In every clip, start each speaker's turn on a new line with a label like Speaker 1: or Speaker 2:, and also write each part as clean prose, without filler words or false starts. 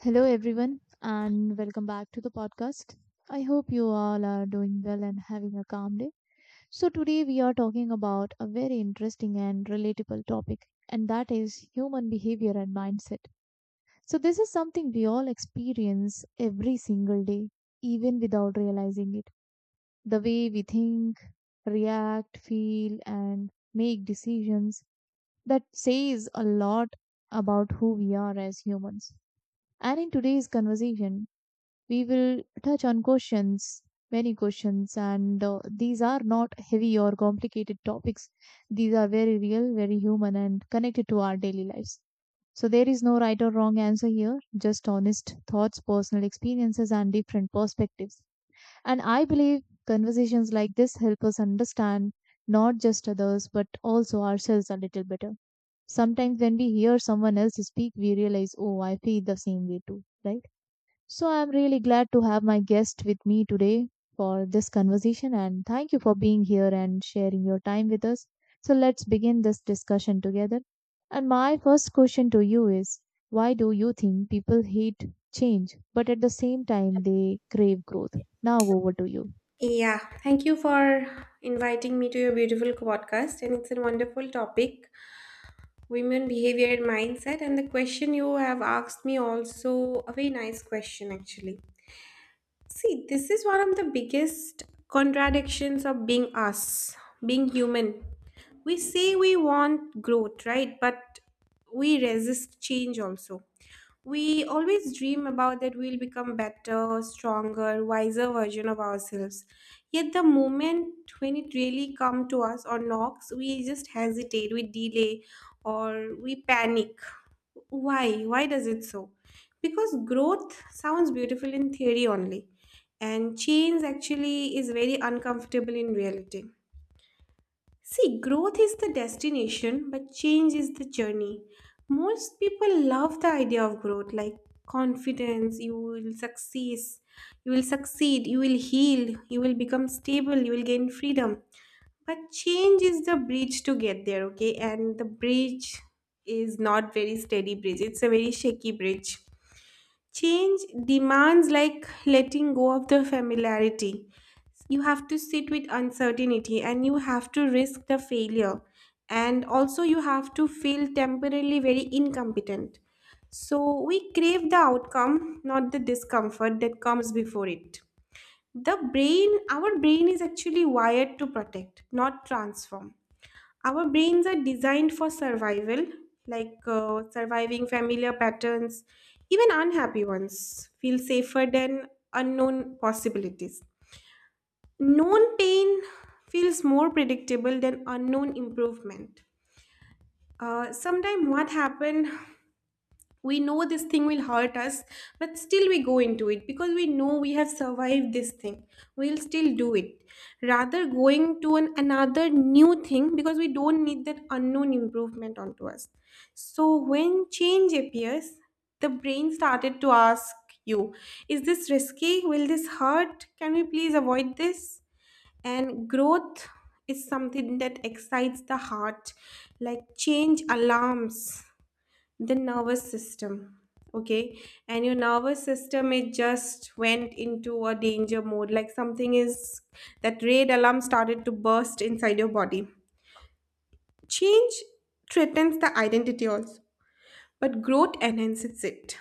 Speaker 1: Hello, everyone, and welcome back to the podcast. I hope you all are doing well and having a calm day. So, today we are talking about a very interesting and relatable topic, and that is human behavior and mindset. So, this is something we all experience every single day, even without realizing it. The way we think, react, feel, and make decisions that says a lot about who we are as humans. And in today's conversation, we will touch on questions, many questions, and these are not heavy or complicated topics. These are very real, very human, and connected to our daily lives. So, there is no right or wrong answer here, just honest thoughts, personal experiences, and different perspectives. And I believe conversations like this help us understand not just others, but also ourselves a little better sometimes when we hear someone else speak, we realize, oh, I feel the same way too, right? So I'm really glad to have my guest with me today for this conversation and thank you for being here and sharing your time with us. So let's begin this discussion together. And my first question to you is why do you think people hate change but at the same time they crave growth? Now over to you.
Speaker 2: Yeah, thank you for inviting me to your beautiful podcast. And it's a wonderful topic, women behavior and mindset. And the question you have asked me also a very nice question, actually. See, this is one of the biggest contradictions of being us, being human. We say we want growth, right? But we resist change also. We always dream about that we'll become better, stronger, wiser version of ourselves. Yet the moment when it really comes to us or knocks, we just hesitate, we delay, or we panic. Why? Why does it so? Because growth sounds beautiful in theory only, and change actually is very uncomfortable in reality. See, growth is the destination, but change is the journey. Most people love the idea of growth, like confidence, you will succeed, you will heal, you will become stable, you will gain freedom. But change is the bridge to get there, okay? And the bridge is not very steady bridge. It's a very shaky bridge. Change demands like letting go of the familiarity. You have to sit with uncertainty and you have to risk the failure. And also, you have to feel temporarily very incompetent. So, we crave the outcome, not the discomfort that comes before it. Our brain is actually wired to protect, not transform. Our brains are designed for survival, like surviving familiar patterns, even unhappy ones feel safer than unknown possibilities. Known pain feels more predictable than unknown improvement. Sometime what happened, we know this thing will hurt us, but still we go into it because we know we have survived this thing, we'll still do it rather going to another new thing because we don't need that unknown improvement onto us. So when change appears, the brain started to ask you, is this risky, will this hurt, can we please avoid this? And growth is something that excites the heart, like change alarms the nervous system, okay? And your nervous system, it just went into a danger mode, like something is, that red alarm started to burst inside your body. Change threatens the identity also, but growth enhances it.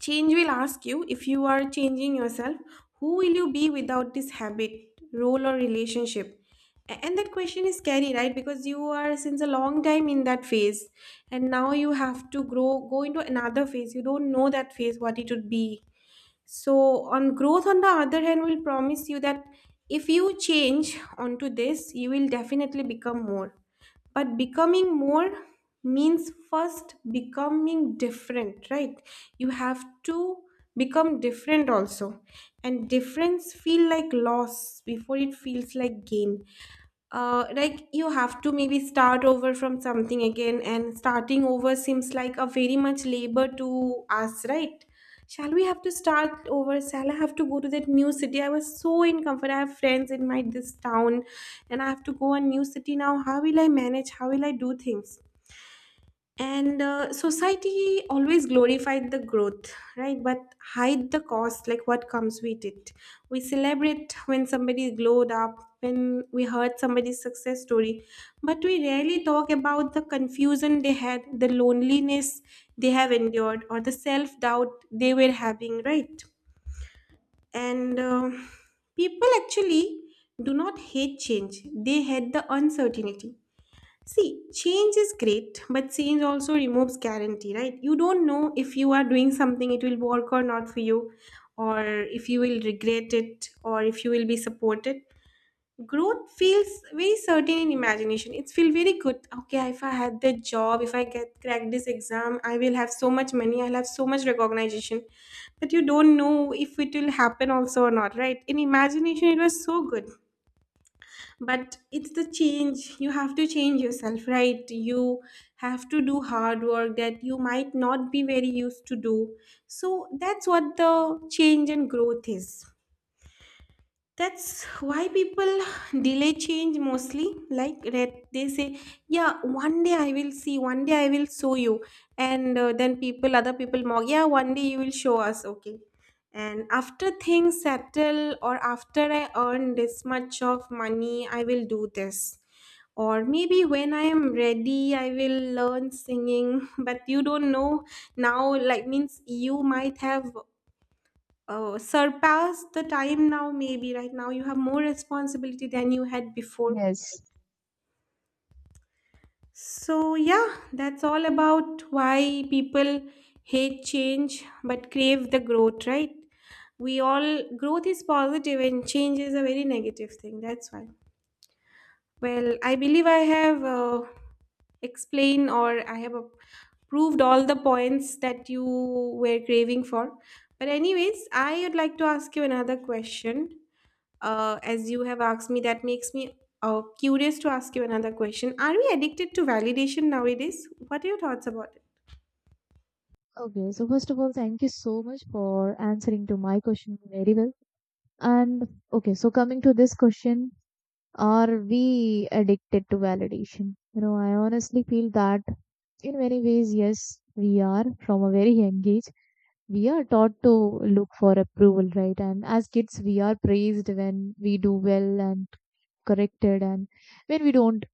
Speaker 2: Change will ask you, if you are changing yourself, who will you be without this habit, role, or relationship? And that question is scary, right? Because you are since a long time in that phase, and now you have to grow, go into another phase. You don't know that phase, what it would be. So, on growth, on the other hand, will promise you that if you change onto this, you will definitely become more. But becoming more means first becoming different, right? You have to become different also. And difference feel like loss before it feels like gain. Like you have to maybe start over from something again, and starting over seems like a very much labor to us, right? Shall we have to start over, shall I have to go to that new city? I was so in comfort, I have friends in my this town, and I have to go a new city now. How will I manage, how will I do things? And society always glorified the growth, right? But hide the cost, like what comes with it. We celebrate when somebody glowed up, when we heard somebody's success story, but we rarely talk about the confusion they had, the loneliness they have endured, or the self-doubt they were having, right? And people actually do not hate change, they hate the uncertainty. See, change is great, but change also removes guarantee, right? You don't know if you are doing something, it will work or not for you, or if you will regret it, or if you will be supported. Growth feels very certain in imagination. It feels very good. Okay, if I had that job, if I get crack this exam, I will have so much money, I'll have so much recognition. But you don't know if it will happen also or not, right? In imagination, it was so good, but it's the change, you have to change yourself, right? You have to do hard work that you might not be very used to do. So that's what the change and growth is. That's why people delay change mostly, they say, yeah, one day I will see, one day I will show you. And then people, other people mock, yeah, one day you will show us, okay. And after things settle or after I earn this much of money, I will do this, or maybe when I am ready, I will learn singing but you don't know now, like, means you might have surpassed the time now. Maybe right now you have more responsibility than you had before.
Speaker 1: Yes.
Speaker 2: So yeah, that's all about why people hate change but crave the growth, right? We all, growth is positive and change is a very negative thing, that's why. Well, I believe I have explain, or proved all the points that you were craving for. But anyways, I would like to ask you another question. As you have asked me, that makes me curious to ask you another question. Are we addicted to validation nowadays? What are your thoughts about it?
Speaker 1: Okay, so first of all, thank you so much for answering to my question very well. And okay, so coming to this question, are we addicted to validation? You know, I honestly feel that in many ways, yes, we are from a very young age. We are taught to look for approval, right? And as kids, we are praised when we do well and corrected, and when we don't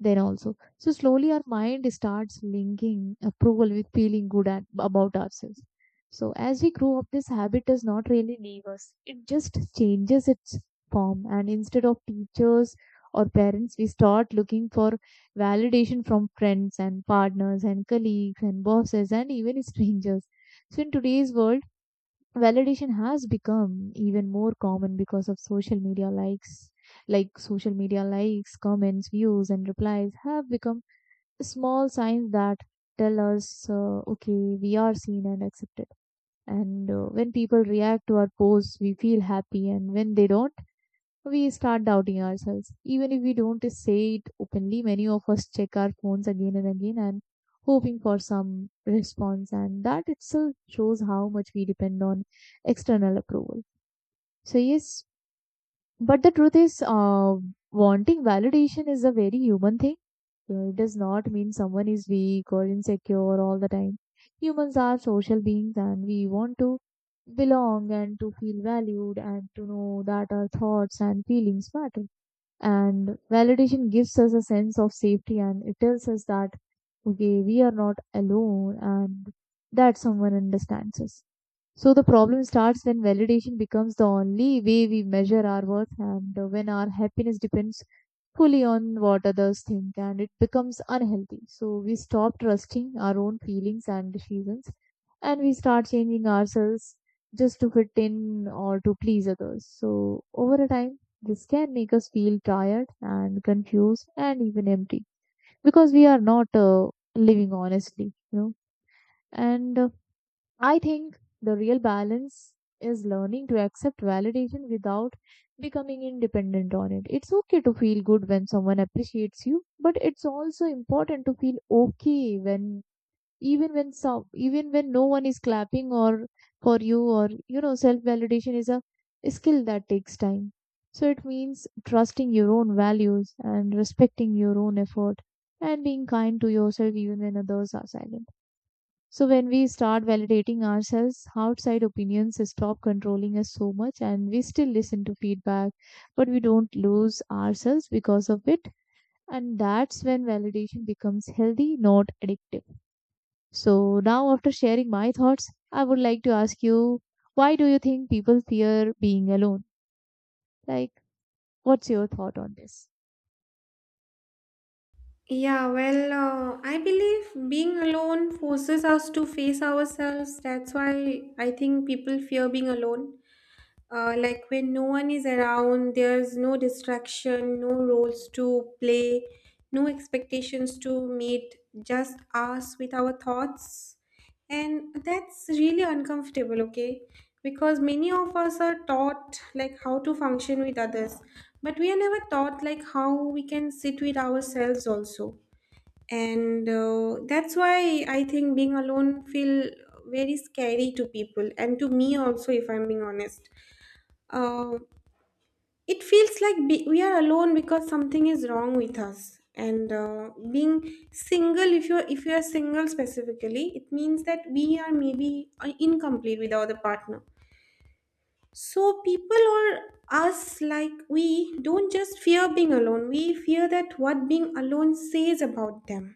Speaker 1: then also. So slowly our mind starts linking approval with feeling good at, about ourselves. So as we grow up, this habit does not really leave us. It just changes its form. And instead of teachers or parents, we start looking for validation from friends and partners and colleagues and bosses and even strangers. So in today's world, validation has become even more common because of social media likes, like social media likes, comments, views, and replies have become small signs that tell us okay, we are seen and accepted, and when people react to our posts we feel happy, and when they don't we start doubting ourselves. Even if we don't say it openly, many of us check our phones again and again and hoping for some response, and that itself shows how much we depend on external approval. So, yes, but the truth is, wanting validation is a very human thing. It does not mean someone is weak or insecure all the time. Humans are social beings and we want to belong and to feel valued and to know that our thoughts and feelings matter, and validation gives us a sense of safety and it tells us that okay, we are not alone and that someone understands us. So the problem starts when validation becomes the only way we measure our worth, and when our happiness depends fully on what others think and it becomes unhealthy. So we stop trusting our own feelings and decisions and we start changing ourselves just to fit in or to please others. So over a time, this can make us feel tired and confused and even empty because we are not living honestly, you know. And I think the real balance is learning to accept validation without becoming independent on it. It's okay to feel good when someone appreciates you, but it's also important to feel okay when even when no one is clapping or for you, or you know self validation is a skill that takes time. So it means trusting your own values and respecting your own effort and being kind to yourself even when others are silent. So when we start validating ourselves, outside opinions stop controlling us so much and we still listen to feedback, but we don't lose ourselves because of it. And that's when validation becomes healthy, not addictive. So now after sharing my thoughts, I would like to ask you, why do you think people fear being alone? Like, what's your thought on this?
Speaker 2: Yeah, well, I believe being alone forces us to face ourselves. That's why I think people fear being alone. Like when no one is around, there's no distraction, no roles to play, no expectations to meet, just us with our thoughts, and that's really uncomfortable, okay? Because many of us are taught like how to function with others, but we are never taught like how we can sit with ourselves also. And that's why I think being alone feel very scary to people, and to me also if I'm being honest. uh, it feels like, we are alone because something is wrong with us. And being single, if you're single specifically, it means that we are maybe incomplete without a partner. So people, or us, like we don't just fear being alone, we fear that what being alone says about them.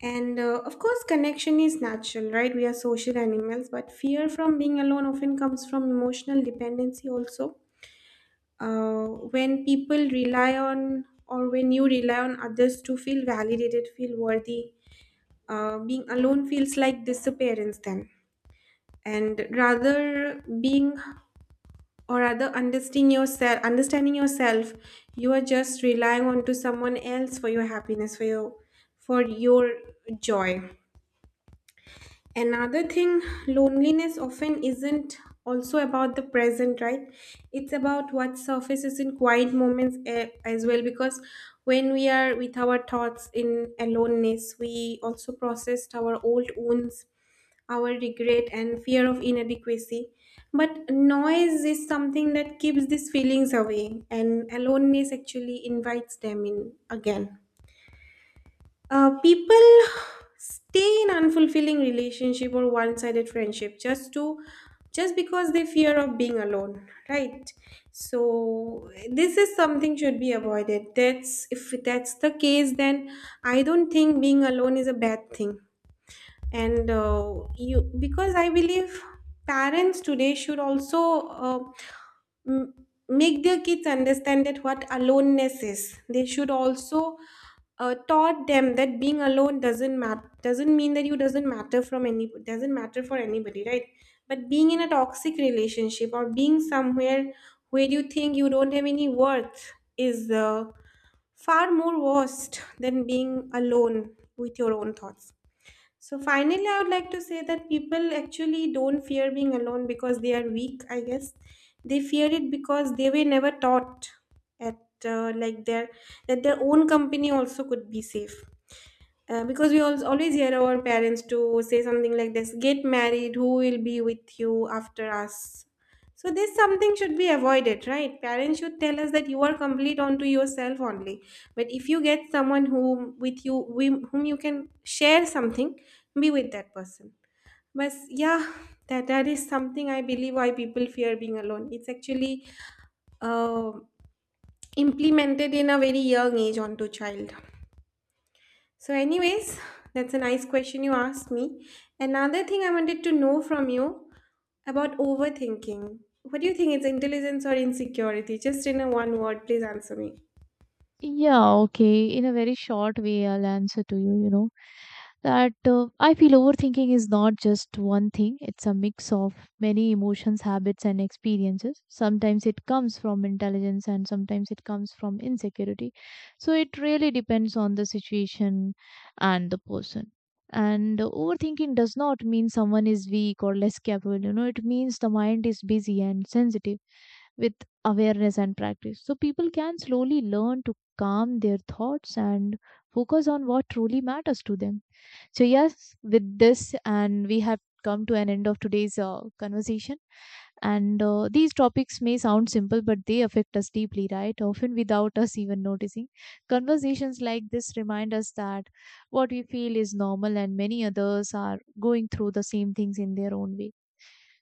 Speaker 2: And of course connection is natural, right? We are social animals, but fear from being alone often comes from emotional dependency also. uh, when people rely on, or when you rely on others to feel validated, feel worthy, being alone feels like disappearance then. And rather being, or rather understanding yourself, understanding yourself, you are just relying on to someone else for your happiness, for your joy. Another thing, loneliness often isn't also about the present, right? It's about what surfaces in quiet moments as well. Because when we are with our thoughts in aloneness, we also processed our old wounds, our regret, and fear of inadequacy. But noise is something that keeps these feelings away, and aloneness actually invites them in again. People stay in unfulfilling relationship or one-sided friendship just because they fear of being alone, right? So this is something should be avoided. That's, if that's the case, then I don't think being alone is a bad thing. And you because I believe parents today should also uh, m- make their kids understand that what aloneness is. They should also taught them that being alone doesn't matter, doesn't mean that you doesn't matter from any doesn't matter for anybody, right? But being in a toxic relationship or being somewhere where you think you don't have any worth is far more worst than being alone with your own thoughts. So finally, I would like to say that people actually don't fear being alone because they are weak, I guess. They fear it because they were never taught at like their that their own company also could be safe. Because always hear our parents to say something like this, get married, who will be with you after us. So this something should be avoided, right? Parents should tell us that you are complete onto yourself only, but if you get someone whom with you, whom you can share something, be with that person. But yeah, that is something I believe why people fear being alone. It's actually uh, implemented in a very young age onto child. So, anyways, that's a nice question you asked me. Another thing I wanted to know from you about overthinking. What do you think? It's intelligence or insecurity? Just in a one word, please answer me.
Speaker 1: Yeah, okay. In a very short way, I'll answer to you, you know. That I feel overthinking is not just one thing, it's a mix of many emotions, habits, and experiences. Sometimes it comes from intelligence, and sometimes it comes from insecurity. So it really depends on the situation and the person. And overthinking does not mean someone is weak or less capable, you know, it means the mind is busy and sensitive with awareness and practice. So people can slowly learn to calm their thoughts and focus on what truly matters to them. So, yes, with this, and we have come to an end of today's conversation. And these topics may sound simple, but they affect us deeply, right? Often without us even noticing. Conversations like this remind us that what we feel is normal, and many others are going through the same things in their own way.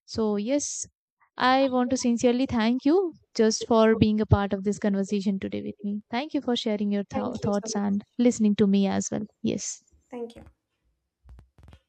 Speaker 1: So, yes, I want to sincerely thank you just for being a part of this conversation today with me. Thank you for sharing your
Speaker 2: Thank you so
Speaker 1: thoughts
Speaker 2: much.
Speaker 1: and listening to me as well. Yes.
Speaker 2: Thank you.